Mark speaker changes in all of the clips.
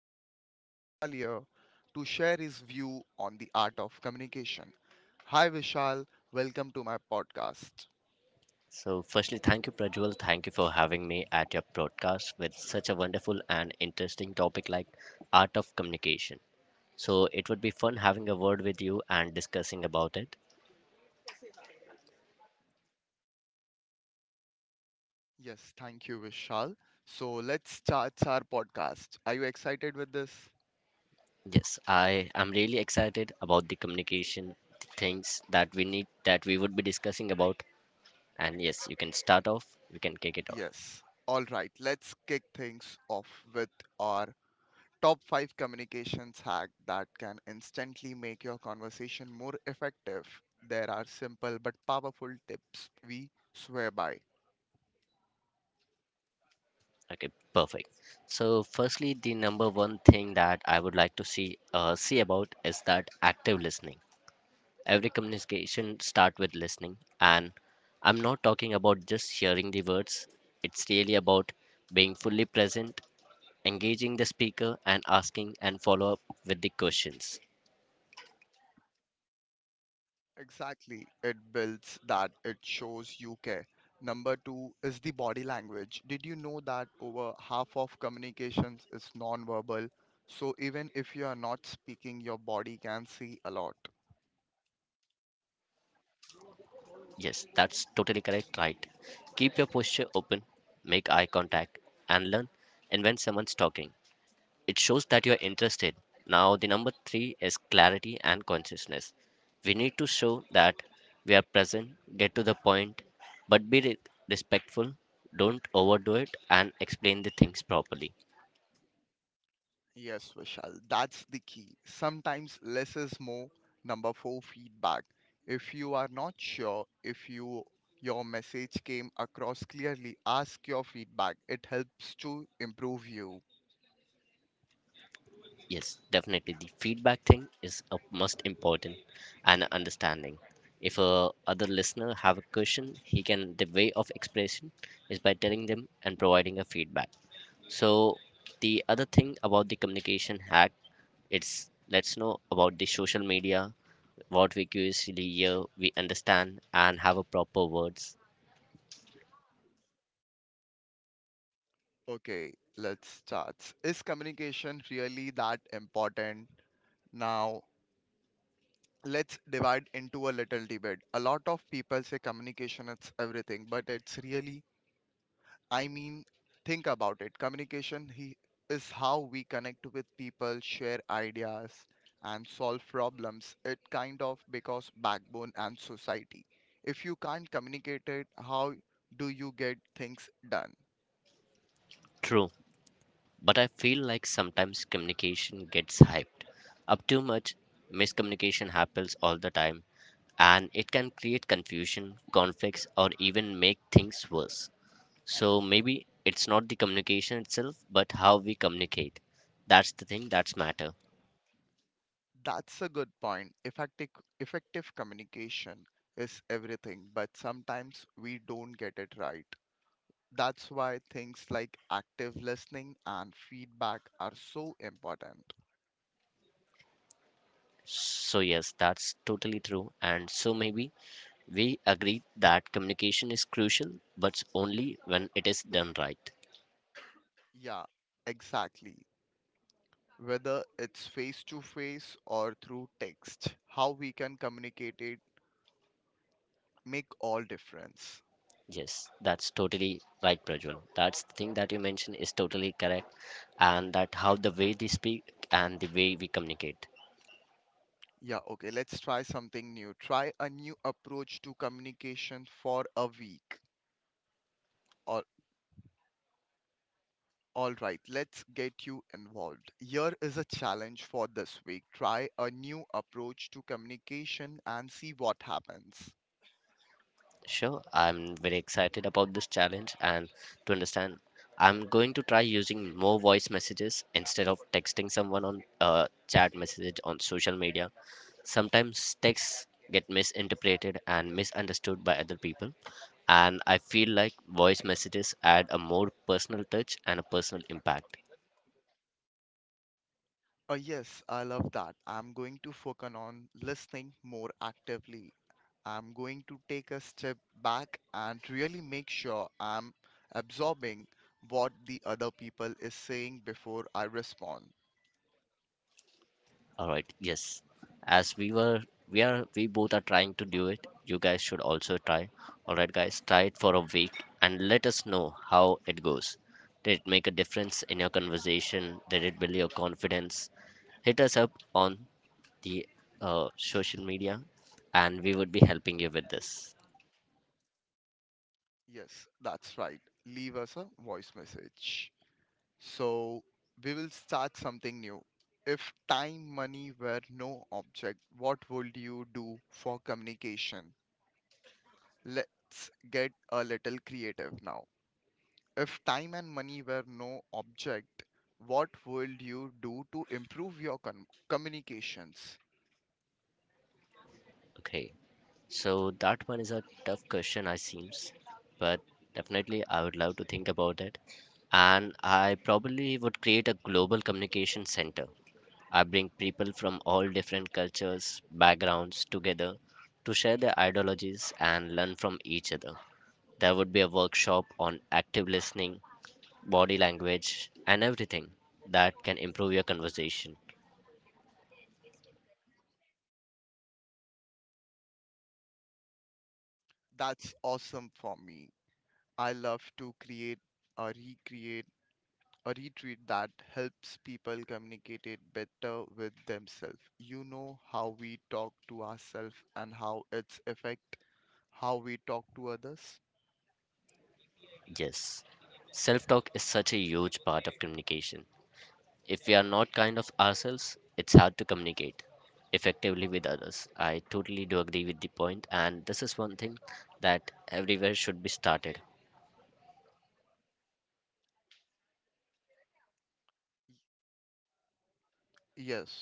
Speaker 1: and we have Vishal here to share his view on the art of communication. Hi Vishal, welcome to my podcast.
Speaker 2: So, firstly, thank you, Prajwal. Thank you for having me at your broadcast with such a wonderful and interesting topic like art of communication. So, it would be fun having a word with you and discussing about it.
Speaker 1: Yes, thank you Vishal. So let's start our podcast. Are you excited with this?
Speaker 2: Yes, I am really excited about the communication, the things that we need, that we would be discussing about. And yes, you can start off. You can kick it off.
Speaker 1: Yes. All right, let's kick things off with our top 5 communications hack that can instantly make your conversation more effective. There are simple but powerful tips we swear by.
Speaker 2: Okay, perfect. So, firstly, the number one thing that I would like to see about is that active listening. Every communication start with listening, and I'm not talking about just hearing the words. It's really about being fully present, engaging the speaker, and asking and follow up with the questions.
Speaker 1: Exactly. It builds that, it shows you care. Number two is the body language. Did you know that over half of communications is nonverbal? So even if you are not speaking, your body can see a lot.
Speaker 2: Yes, that's totally correct, right? Keep your posture open, make eye contact, and learn and when someone's talking. It shows that you're interested. Now, the number three is clarity and consciousness. We need to show that we are present, get to the point, but respectful, don't overdo it, and explain the things properly.
Speaker 1: Yes, Vishal, that's the key. Sometimes less is more. Number four, feedback. If you are not sure if your message came across clearly, ask your feedback. It helps to improve you.
Speaker 2: Yes, definitely. The feedback thing is a most important and a understanding. If a other listener have a question, he can the way of expression is by telling them and providing a feedback. So the other thing about the communication hack, it's let's know about the social media, what we curiously hear, we understand and have a proper words.
Speaker 1: Okay, let's start. Is communication really that important? Now, let's divide into a little debate. A lot of people say communication is everything, but it's really I mean, think about it. Communication is how we connect with people, share ideas, and solve problems. It kind of because backbone and society. If you can't communicate it, how do you get things done?
Speaker 2: True. But I feel like sometimes communication gets hyped up too much. Miscommunication happens all the time, and it can create confusion, conflicts, or even make things worse. So maybe it's not the communication itself, but how we communicate. That's the thing that's matter.
Speaker 1: That's a good point. Effective communication is everything, but sometimes we don't get it right. That's why things like active listening and feedback are so important.
Speaker 2: So yes, that's totally true. And so maybe we agree that communication is crucial, but only when it is done right.
Speaker 1: Yeah, exactly. Whether it's face to face or through text, how we can communicate it make all difference.
Speaker 2: Yes, that's totally right, Prajwal. That's the thing that you mentioned is totally correct, and that how the way they speak and the way we communicate.
Speaker 1: Yeah, okay, let's try something new, try a new approach to communication for a week. All all right, let's get you involved. Here is a challenge for this week: try a new approach to communication and see what happens.
Speaker 2: Sure, I'm very excited about this challenge and to understand. I'm going to try using more voice messages instead of texting someone on chat message on social media. Sometimes texts get misinterpreted and misunderstood by other people, and I feel like voice messages add a more personal touch and a personal impact.
Speaker 1: Oh, yes, I love that. I'm going to focus on listening more actively. I'm going to take a step back and really make sure I'm absorbing what the other people is saying before I respond.
Speaker 2: All right, yes. As we were, we are, we both are trying to do it. You guys should also try. All right, guys, try it for a week and let us know how it goes. Did it make a difference in your conversation? Did it build your confidence? Hit us up on the social media, and we would be helping you with this.
Speaker 1: Yes, that's right. Leave us a voice message. So we will start something new. If time, money were no object, what would you do for communication? Let's get a little creative now. If time and money were no object, what would you do to improve your communications?
Speaker 2: Okay. So that one is a tough question, I seems, but definitely I would love to think about it. And I probably would create a global communication center. I bring people from all different cultures, backgrounds together to share their ideologies and learn from each other. There would be a workshop on active listening, body language, and everything that can improve your conversation.
Speaker 1: That's awesome. For me, I love to create or recreate a retreat that helps people communicate it better with themselves. You know how we talk to ourselves and how it's affect how we talk to others?
Speaker 2: Yes, self talk is such a huge part of communication. If we are not kind of ourselves, it's hard to communicate effectively with others. I totally do agree with the point, and this is one thing that everywhere should be started.
Speaker 1: Yes.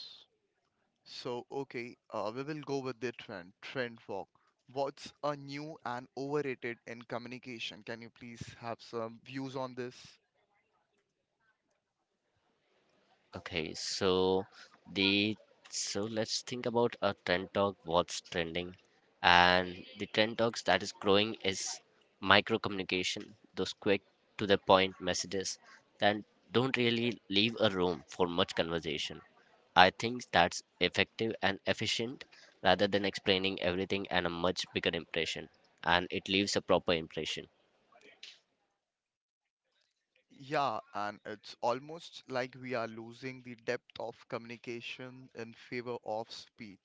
Speaker 1: So, okay, we will go with the trend walk. What's a new and overrated in communication? Can you please have some views on this?
Speaker 2: Okay, the so let's think about a trend talk, what's trending, and the trend talks that is growing is micro communication, those quick to the point messages that don't really leave a room for much conversation. I think that's effective and efficient rather than explaining everything and a much bigger impression, and it leaves a proper impression.
Speaker 1: Yeah, and it's almost like we are losing the depth of communication in favor of speed.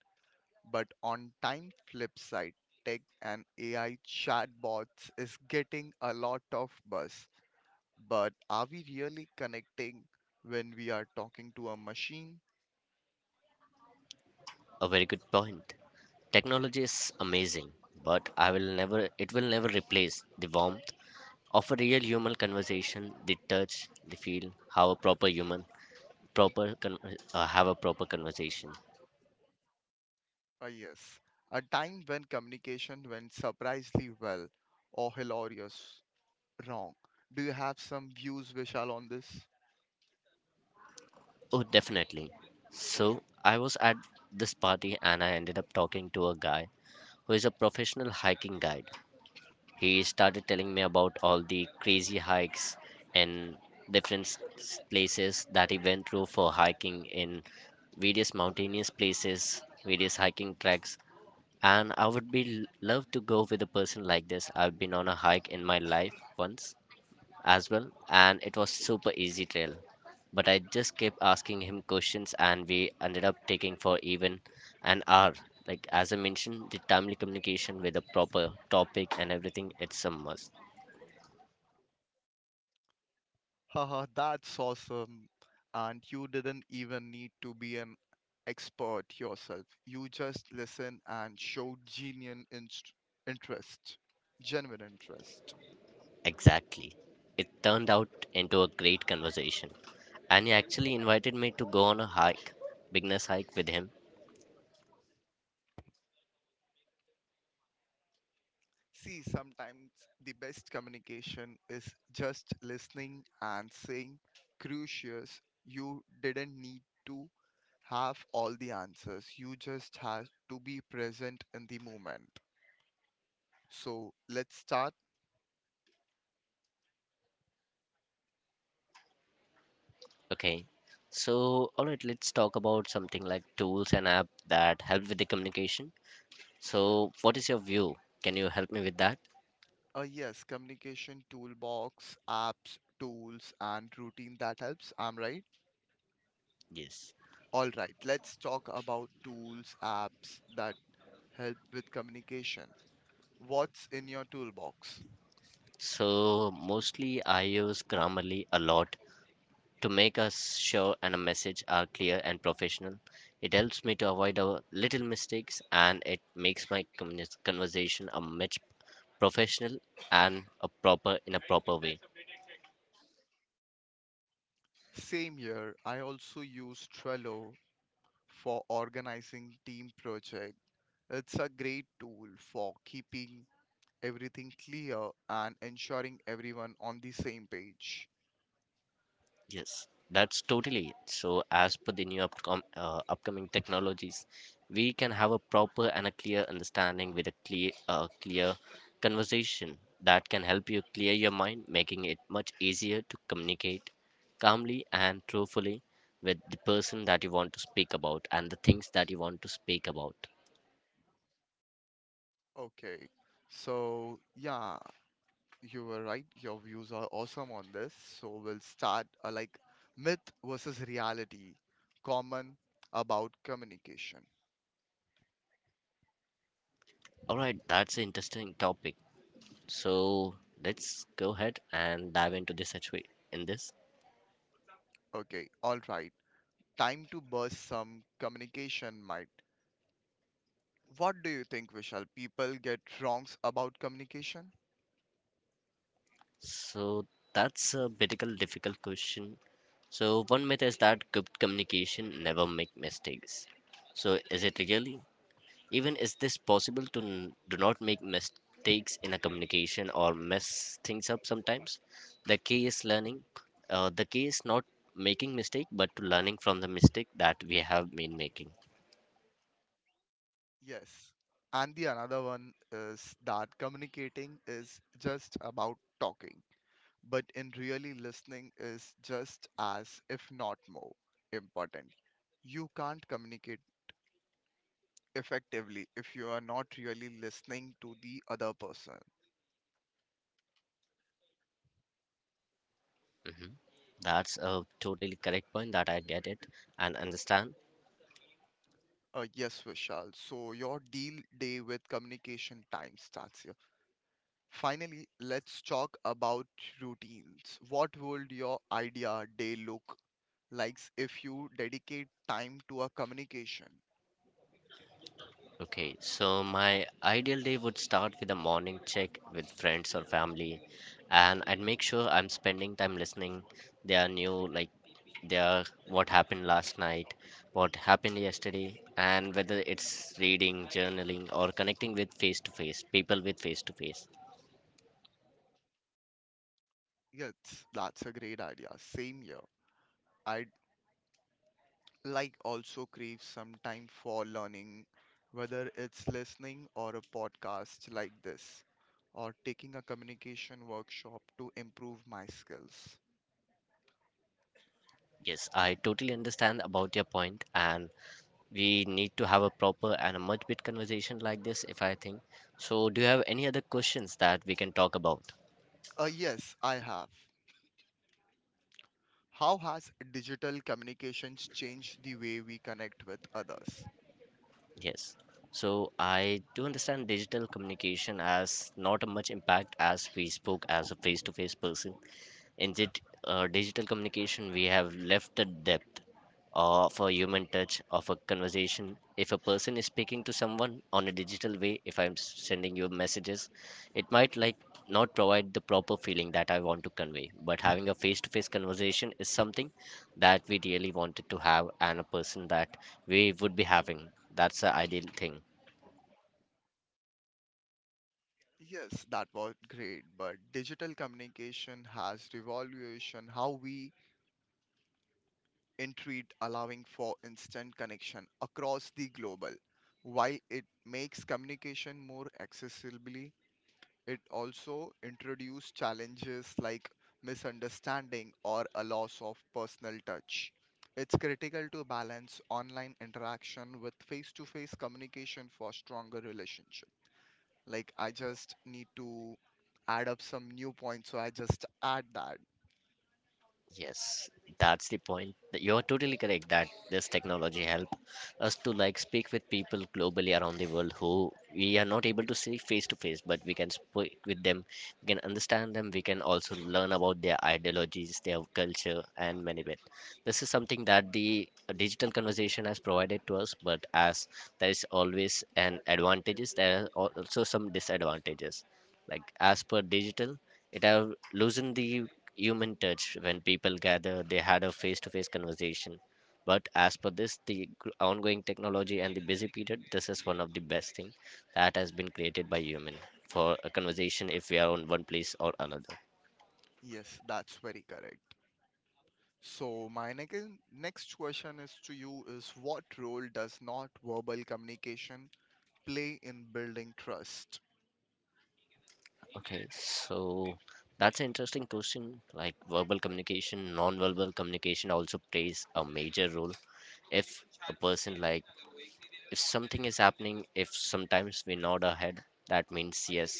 Speaker 1: But on time flip side, tech and AI chatbots is getting a lot of buzz. But are we really connecting when we are talking to a machine?
Speaker 2: A very good point. Technology is amazing, but I will never it will never replace the warmth of a real human conversation, the touch, the feel, how a proper human proper con- have a proper conversation.
Speaker 1: Yes, a time when communication went surprisingly well or hilarious wrong. Do you have some views, Vishal, on this?
Speaker 2: Oh, definitely. So, I was at this party and I ended up talking to a guy who is a professional hiking guide. He started telling me about all the crazy hikes and places that he went through for hiking in various mountainous places, various hiking tracks. And I would love to go with a person like this. I've been on a hike in my life once as well, and it was super easy trail. But I just kept asking him questions, and we ended up taking for even an hour. Like as I mentioned, the timely communication with a proper topic and everything, it's a must.
Speaker 1: Haha, that's awesome. And you didn't even need to be an expert yourself. You just listened and showed interest, genuine interest.
Speaker 2: Exactly. It turned out into a great conversation, and he actually invited me to go on a hike, beginner's hike with him.
Speaker 1: See, sometimes the best communication is just listening and saying, Crucius, you didn't need to have all the answers. You just have to be present in the moment. So let's start.
Speaker 2: Okay. So, all right, let's talk about something like tools and app that help with the communication. So, what is your view? Can you help me with that?
Speaker 1: Yes, communication toolbox, apps, tools, and routine that helps. I'm right.
Speaker 2: Yes.
Speaker 1: All right, let's talk about tools, apps that help with communication. What's in your toolbox?
Speaker 2: So mostly I use Grammarly a lot to make a show and a message are clear and professional. It helps me to avoid a little mistakes and it makes my conversation a much professional and a proper in a proper way.
Speaker 1: Same year, I also use Trello for organizing team project. It's a great tool for keeping everything clear and ensuring everyone on the same page.
Speaker 2: Yes, that's totally it. So, as per the new upcoming technologies, we can have a proper and a clear understanding with a clear conversation that can help you clear your mind, making it much easier to communicate calmly and truthfully with the person that you want to speak about and the things that you want to speak about.
Speaker 1: Okay. So, yeah, you were right. Your views are awesome on this. So, we'll start like myth versus reality, common about communication.
Speaker 2: All right, that's an interesting topic. So, let's go ahead and dive into this actually. In this.
Speaker 1: Okay, all right. Time to burst some communication might. What do you think, Vishal? People get wrongs about communication?
Speaker 2: So that's a medical difficult question. So one myth is that good communication never make mistakes. So is it really? Even is this possible to do not make mistakes in a communication or mess things up sometimes? The key is learning. The key is not making mistake, but to learning from the mistake that we have been making.
Speaker 1: Yes. And the another one is that communicating is just about talking, but in really listening is just as, if not more, important. You can't communicate effectively if you are not really listening to the other person.
Speaker 2: Mhm. That's a totally correct point that I get it and understand.
Speaker 1: Yes, Vishal. So your deal day with communication time starts here. Finally, let's talk about routines. What would your idea day look like if you dedicate time to a communication?
Speaker 2: Okay, so my ideal day would start with a morning check with friends or family, and I'd make sure I'm spending time listening their new like their what happened last night, what happened yesterday, and whether it's reading, journaling, or connecting with face to face people with face to face.
Speaker 1: Yes, that's a great idea. Same here. I like also crave some time for learning, whether it's listening or a podcast like this, or taking a communication workshop to improve my skills.
Speaker 2: Yes, I totally understand about your point, and we need to have a proper and a much bit conversation like this if I think. So, do you have any other questions that we can talk about?
Speaker 1: Yes, I have. How has digital communications changed the way we connect with others?
Speaker 2: Yes. So I do understand digital communication as not a much impact as we spoke as a face-to-face person. In digital communication, we have left the depth of a human touch of a conversation. If a person is speaking to someone on a digital way, if I'm sending you messages, it might like not provide the proper feeling that I want to convey. But having a face-to-face conversation is something that we really wanted to have, and a person that we would be having. That's the ideal thing.
Speaker 1: Yes, that was great, but digital communication has revolutionized how we entreat, allowing for instant connection across the global. While it makes communication more accessible, it also introduces challenges like misunderstanding or a loss of personal touch. It's critical to balance online interaction with face-to-face communication for stronger relationships. Like I just need to add up some new points, so I just add that.
Speaker 2: Yes, that's the point. That you're totally correct that this technology help us to like speak with people globally around the world who we are not able to see face to face, but we can speak with them, we can understand them, we can also learn about their ideologies, their culture, and many bit. This is something that the digital conversation has provided to us, but as there is always an advantages, there are also some disadvantages like as per digital, it have loosened the human touch when people gather, they had a face-to-face conversation. But as per this, the ongoing technology and the busy period, this is one of the best thing that has been created by human for a conversation if we are on one place or another.
Speaker 1: Yes, that's very correct. So my next question is to you is what role does not verbal communication play in building trust?
Speaker 2: Okay, so that's an interesting question. Like verbal communication, non-verbal communication also plays a major role. If a person like If something is happening, if sometimes we nod our head, that means yes,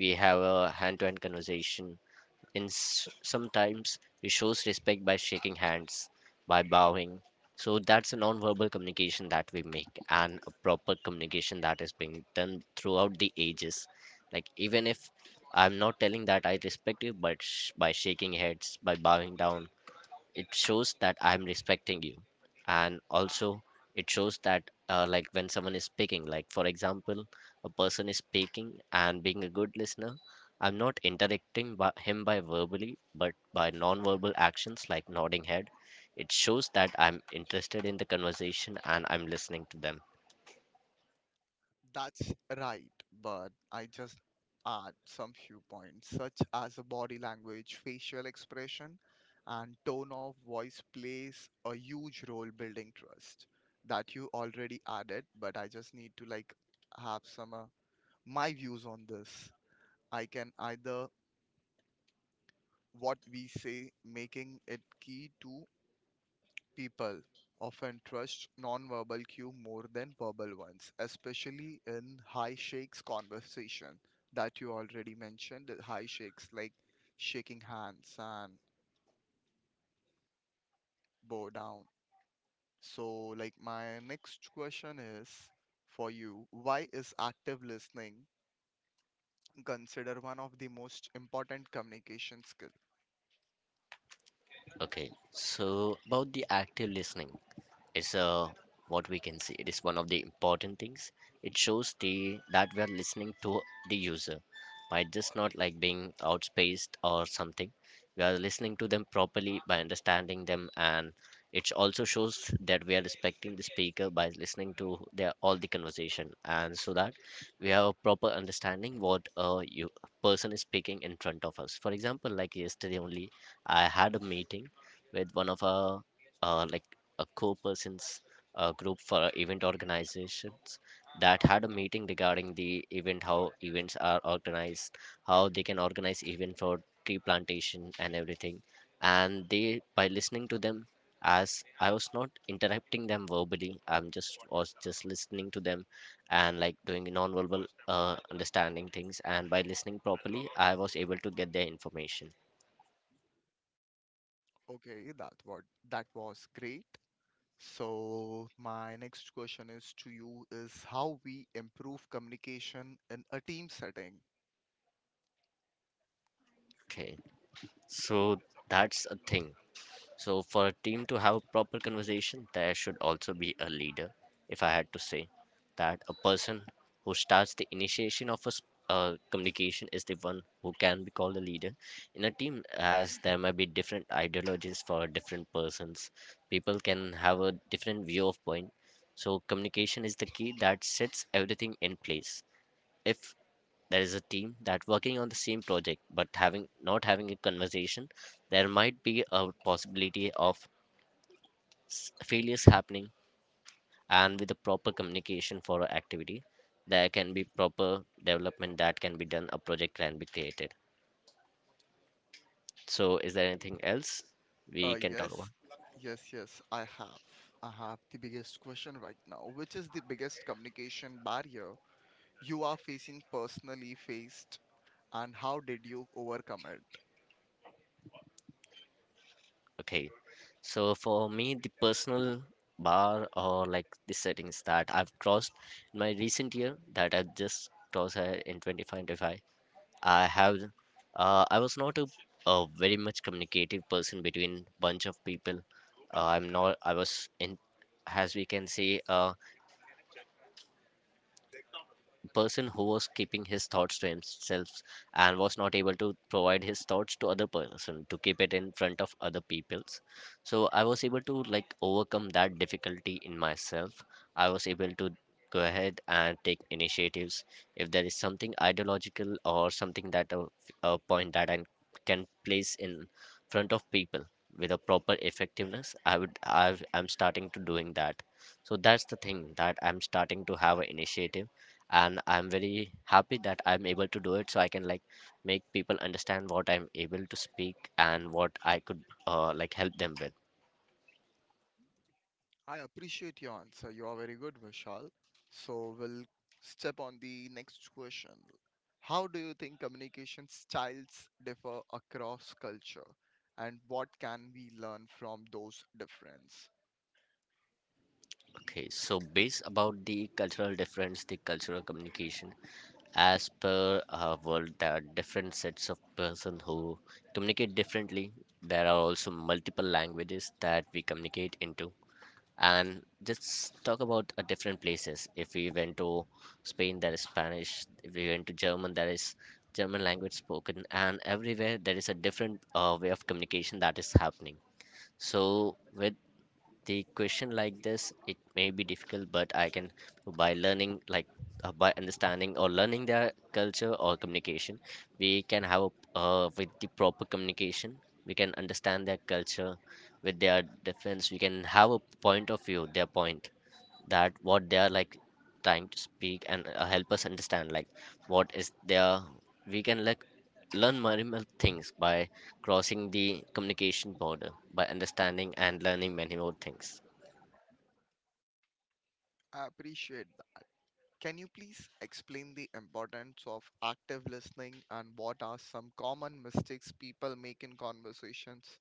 Speaker 2: we have a hand to hand conversation. In sometimes we shows respect by shaking hands, by bowing. So that's a non-verbal communication that we make, and a proper communication that is being done throughout the ages. Like even if I'm not telling that I respect you, but by shaking heads, by bowing down, it shows that I'm respecting you. And also it shows that like when someone is speaking, like for example a person is speaking and being a good listener, I'm not interacting by him by verbally but by non-verbal actions like nodding head. It shows that I'm interested in the conversation and I'm listening to them.
Speaker 1: That's right, but I just add some few points, such as a body language, facial expression, and tone of voice plays a huge role building trust that you already added, but I just need to like have some my views on this. I can either what we say making it key to people often trust nonverbal cue more than verbal ones, especially in high shakes conversation that you already mentioned. The high shakes like shaking hands and bow down. So, like my next question is for you: why is active listening considered one of the most important communication skill?
Speaker 2: Okay, so about the active listening is what we can see. It is one of the important things. It shows the that we are listening to the user by just not like being outspaced or something. We are listening to them properly by understanding them, and it also shows that we are respecting the speaker by listening to their all the conversation, and so that we have a proper understanding what a you person is speaking in front of us. For example, like yesterday only, I had a meeting with one of our like a co-persons group for our event organizations that had a meeting regarding the event, how events are organized, how they can organize event for tree plantation and everything. And they, by listening to them, as I was not interrupting them verbally, I'm just was just listening to them and like doing nonverbal understanding things. And by listening properly, I was able to get their information.
Speaker 1: Okay, that what that was great. So, my next question is to you is how we improve communication in a team setting.
Speaker 2: Okay, so that's a thing. So, for a team to have a proper conversation, there should also be a leader. If I had to say that a person who starts the initiation of a communication is the one who can be called a leader in a team, as there might be different ideologies for different persons. People can have a different view of point. So, communication is the key that sets everything in place. If there is a team that working on the same project but having not having a conversation, there might be a possibility of s- failures happening, and with the proper communication for a activity there can be proper development that can be done, a project can be created. So is there anything else
Speaker 1: Uh,
Speaker 2: we can talk about?
Speaker 1: yes, yes, yes, I have. I have the biggest question right now, which is the biggest communication barrier you are facing personally faced, and how did you overcome it?
Speaker 2: Okay, so for me, the personal bar or like the settings that I've crossed in my recent year that I've just crossed in 2025, I have I was not a, a very much communicative person between bunch of people. I'm not I was in, as we can say, person who was keeping his thoughts to himself and was not able to provide his thoughts to other person, to keep it in front of other people's. So I was able to like overcome that difficulty in myself. I was able to go ahead and take initiatives. If there is something ideological or something that a point that I can place in front of people with a proper effectiveness, I would I I'm starting to doing that. So that's the thing, that I'm starting to have an initiative, and I'm very happy that I'm able to do it, so I can like make people understand what I'm able to speak and what I could like help them with.
Speaker 1: I appreciate your answer. You are very good, Vishal. So we'll step on the next question. How do you think communication styles differ across culture, and what can we learn from those differences?
Speaker 2: Okay, so based about the cultural difference, the cultural communication, as per our world, there are different sets of person who communicate differently. There are also multiple languages that we communicate into. And just talk about different places, if we went to Spain, there is Spanish; if we went to German, there is German language spoken, and everywhere there is a different way of communication that is happening. So with the question like this, it may be difficult, but I can by learning like by understanding or learning their culture or communication, we can have a, with the proper communication, we can understand their culture. With their difference, we can have a point of view, their point, that what they are like trying to speak and help us understand like what is their, we can like learn minimal things by crossing the communication border, by understanding and learning many more things.
Speaker 1: I appreciate that. Can you please explain the importance of active listening and what are some common mistakes people make in conversations?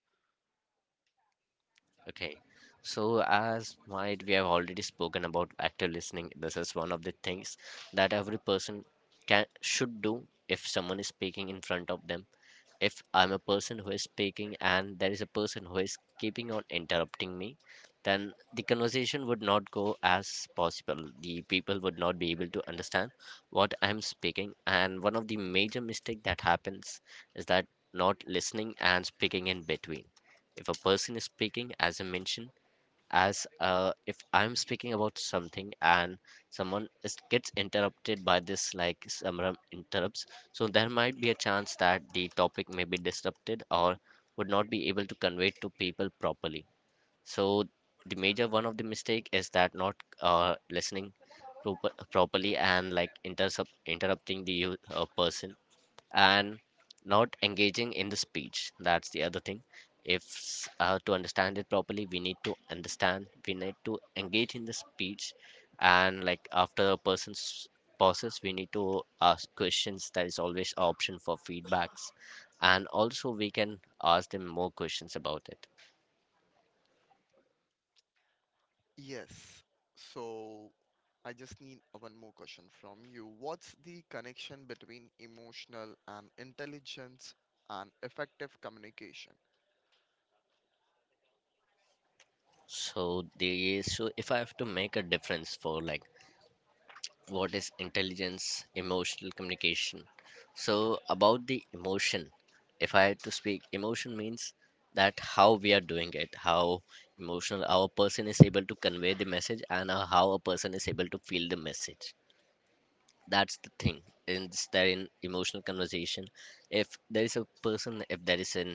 Speaker 2: Okay. So as might we have already spoken about active listening, this is one of the things that every person can should do. If someone is speaking in front of them, if I'm a person who is speaking and there is a person who is keeping on interrupting me, then the conversation would not go as possible. The people would not be able to understand what I'm speaking. And one of the major mistake that happens is that not listening and speaking in between. If a person is speaking, as I mentioned, as if I'm speaking about something and someone is, gets interrupted by this, like someone interrupts, so there might be a chance that the topic may be disrupted or would not be able to convey to people properly. So the major one of the mistake is that not listening properly, and like interrupting the person, and not engaging in the speech. That's the other thing. If to understand it properly, we need to understand, we need to engage in the speech, and like after a person's pauses, we need to ask questions. There is always an option for feedbacks, and also we can ask them more questions about it.
Speaker 1: Yes. So I just need one more question from you. What's the connection between emotional and intelligence and effective communication?
Speaker 2: So, the so if I have to make a difference for like what is intelligence emotional communication, so about the emotion, if I had to speak, emotion means that how we are doing it, how emotional our person is able to convey the message and how a person is able to feel the message. That's the thing, is that in emotional conversation, if there is a person, if there is an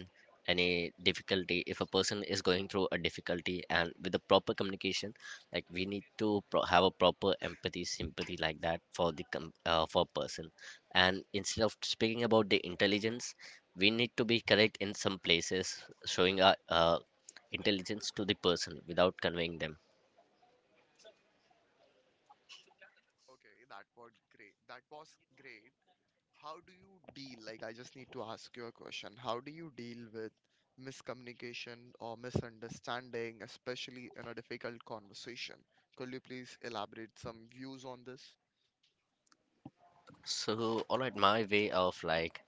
Speaker 2: any difficulty, if a person is going through a difficulty, and with the proper communication, like we need to have a proper empathy, sympathy, like that for the for person. And instead of speaking about the intelligence, we need to be correct in some places, showing our intelligence to the person without conveying them.
Speaker 1: Okay, that was great. That was great. How do you deal? Like, I just need to ask you a question. How do you deal with miscommunication or misunderstanding, especially in a difficult conversation? Could you please elaborate some views on this?
Speaker 2: So all right, my way of like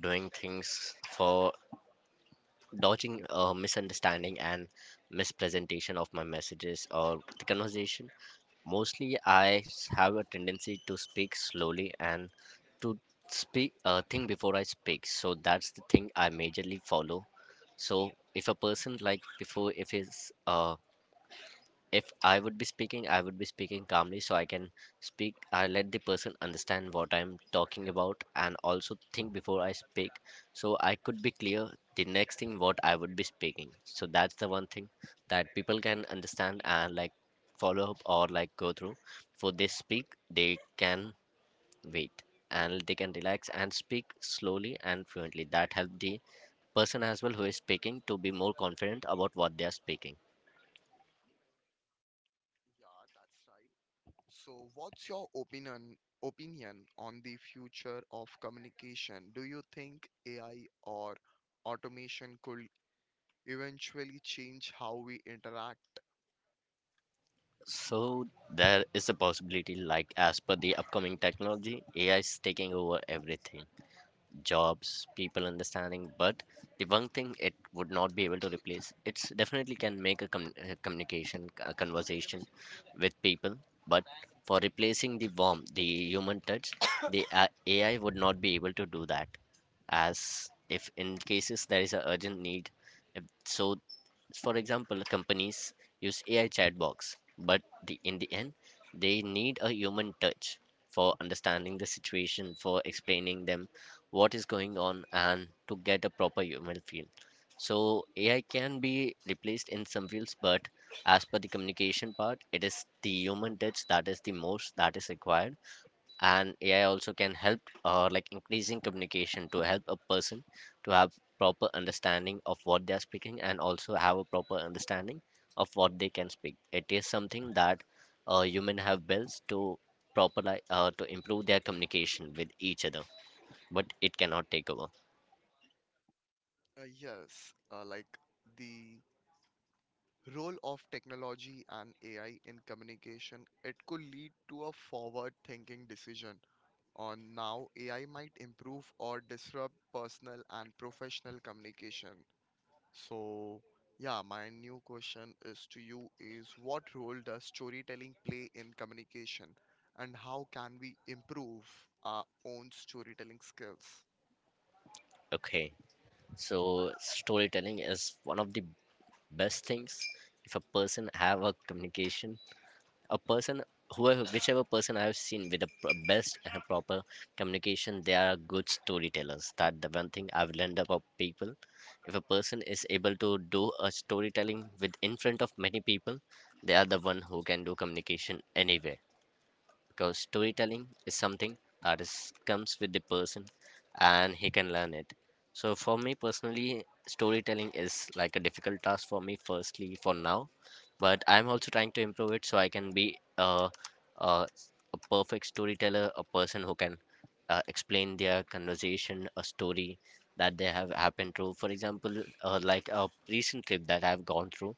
Speaker 2: doing things for dodging misunderstanding and mispresentation of my messages or the conversation. Mostly, I have a tendency to speak slowly and to speak think before I speak. So that's the thing I majorly follow. So if a person like before if his uh, if I would be speaking, I would be speaking calmly, so I can speak. I let the person understand what I'm talking about, and also think before I speak, so I could be clear the next thing what I would be speaking. So that's the one thing that people can understand and like follow up or like go through. For they speak, they can wait, and they can relax and speak slowly and fluently. That help the person as well who is speaking to be more confident about what they are speaking.
Speaker 1: Yeah, that's right. So, what's your opinion on the future of communication? Do you think AI or automation could eventually change how we interact?
Speaker 2: So there is a possibility, like as per the upcoming technology, AI is taking over everything, jobs, people understanding. But the one thing it would not be able to replace, it's definitely can make a, a communication, a conversation with people. But for replacing the warmth, the human touch, the AI would not be able to do that. As if in cases there is a urgent need, if, so for example, companies use AI chatbots, but the, in the end, they need a human touch for understanding the situation, for explaining them what is going on, and to get a proper human feel. So AI can be replaced in some fields, but as per the communication part, it is the human touch that is the most that is required. And AI also can help like increasing communication to help a person to have proper understanding of what they are speaking, and also have a proper understanding of what they can speak. It is something that human have built to to improve their communication with each other, but it cannot take over.
Speaker 1: Yes, like the role of technology and AI in communication, it could lead to a forward-thinking decision on now AI might improve or disrupt personal and professional communication. So, yeah, my new question is to you is what role does storytelling play in communication and how can we improve our own storytelling skills?
Speaker 2: Okay, so storytelling is one of the best things. If a person have a communication, a person, whoever whichever person I have seen with the best and proper communication, they are good storytellers. That the one thing I've learned about people. If a person is able to do a storytelling with in front of many people, they are the one who can do communication anywhere, because storytelling is something that is comes with the person and he can learn it. So for me personally, storytelling is like a difficult task for me firstly for now, but I'm also trying to improve it, so I can be a uh, a perfect storyteller, a person who can explain their conversation, a story that they have happened through. For example, like a recent trip that I've gone through,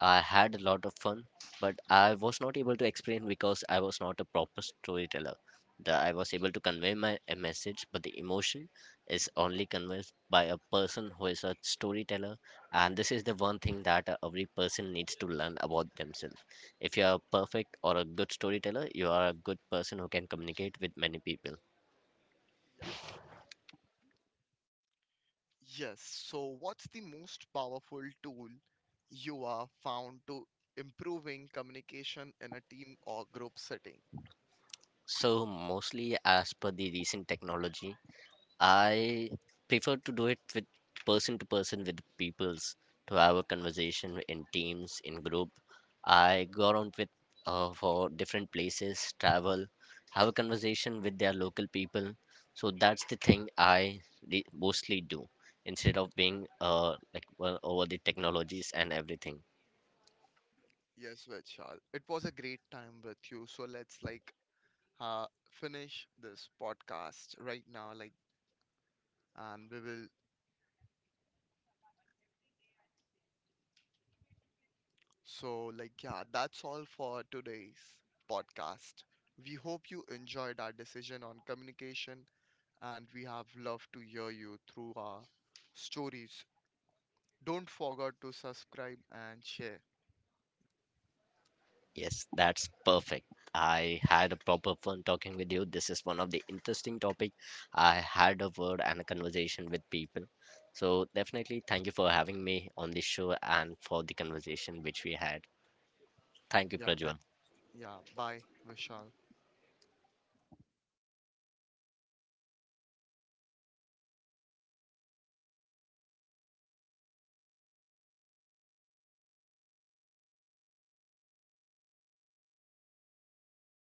Speaker 2: I had a lot of fun, but I was not able to explain because I was not a proper storyteller. The, I was able to convey my a message, but the emotion is only conveyed by a person who is a storyteller, and this is the one thing that every person needs to learn about themselves. If you are perfect or a good storyteller, you are a good person who can communicate with many people.
Speaker 1: Yes, so what's the most powerful tool you are found to improving communication in a team or group setting?
Speaker 2: So, mostly as per the recent technology, I prefer to do it with person to person with peoples to have a conversation in teams in group. I go around with for different places, travel, have a conversation with their local people. So that's the thing I mostly do instead of being like well, over the technologies and everything.
Speaker 1: Yes, Vishal, it was a great time with you. So let's like finish this podcast right now, like, and we will so, like, yeah, that's all for today's podcast. We hope you enjoyed our decision on communication and we have loved to hear you through our stories. Don't forget to subscribe and share.
Speaker 2: Yes, that's perfect. I had a proper fun talking with you. This is one of the interesting topic. I had a word and a conversation with people. So definitely thank you for having me on this show and for the conversation which we had. Thank you, yeah.
Speaker 1: Yeah,
Speaker 2: Prajwal.
Speaker 1: thank. Yeah, bye, Vishal.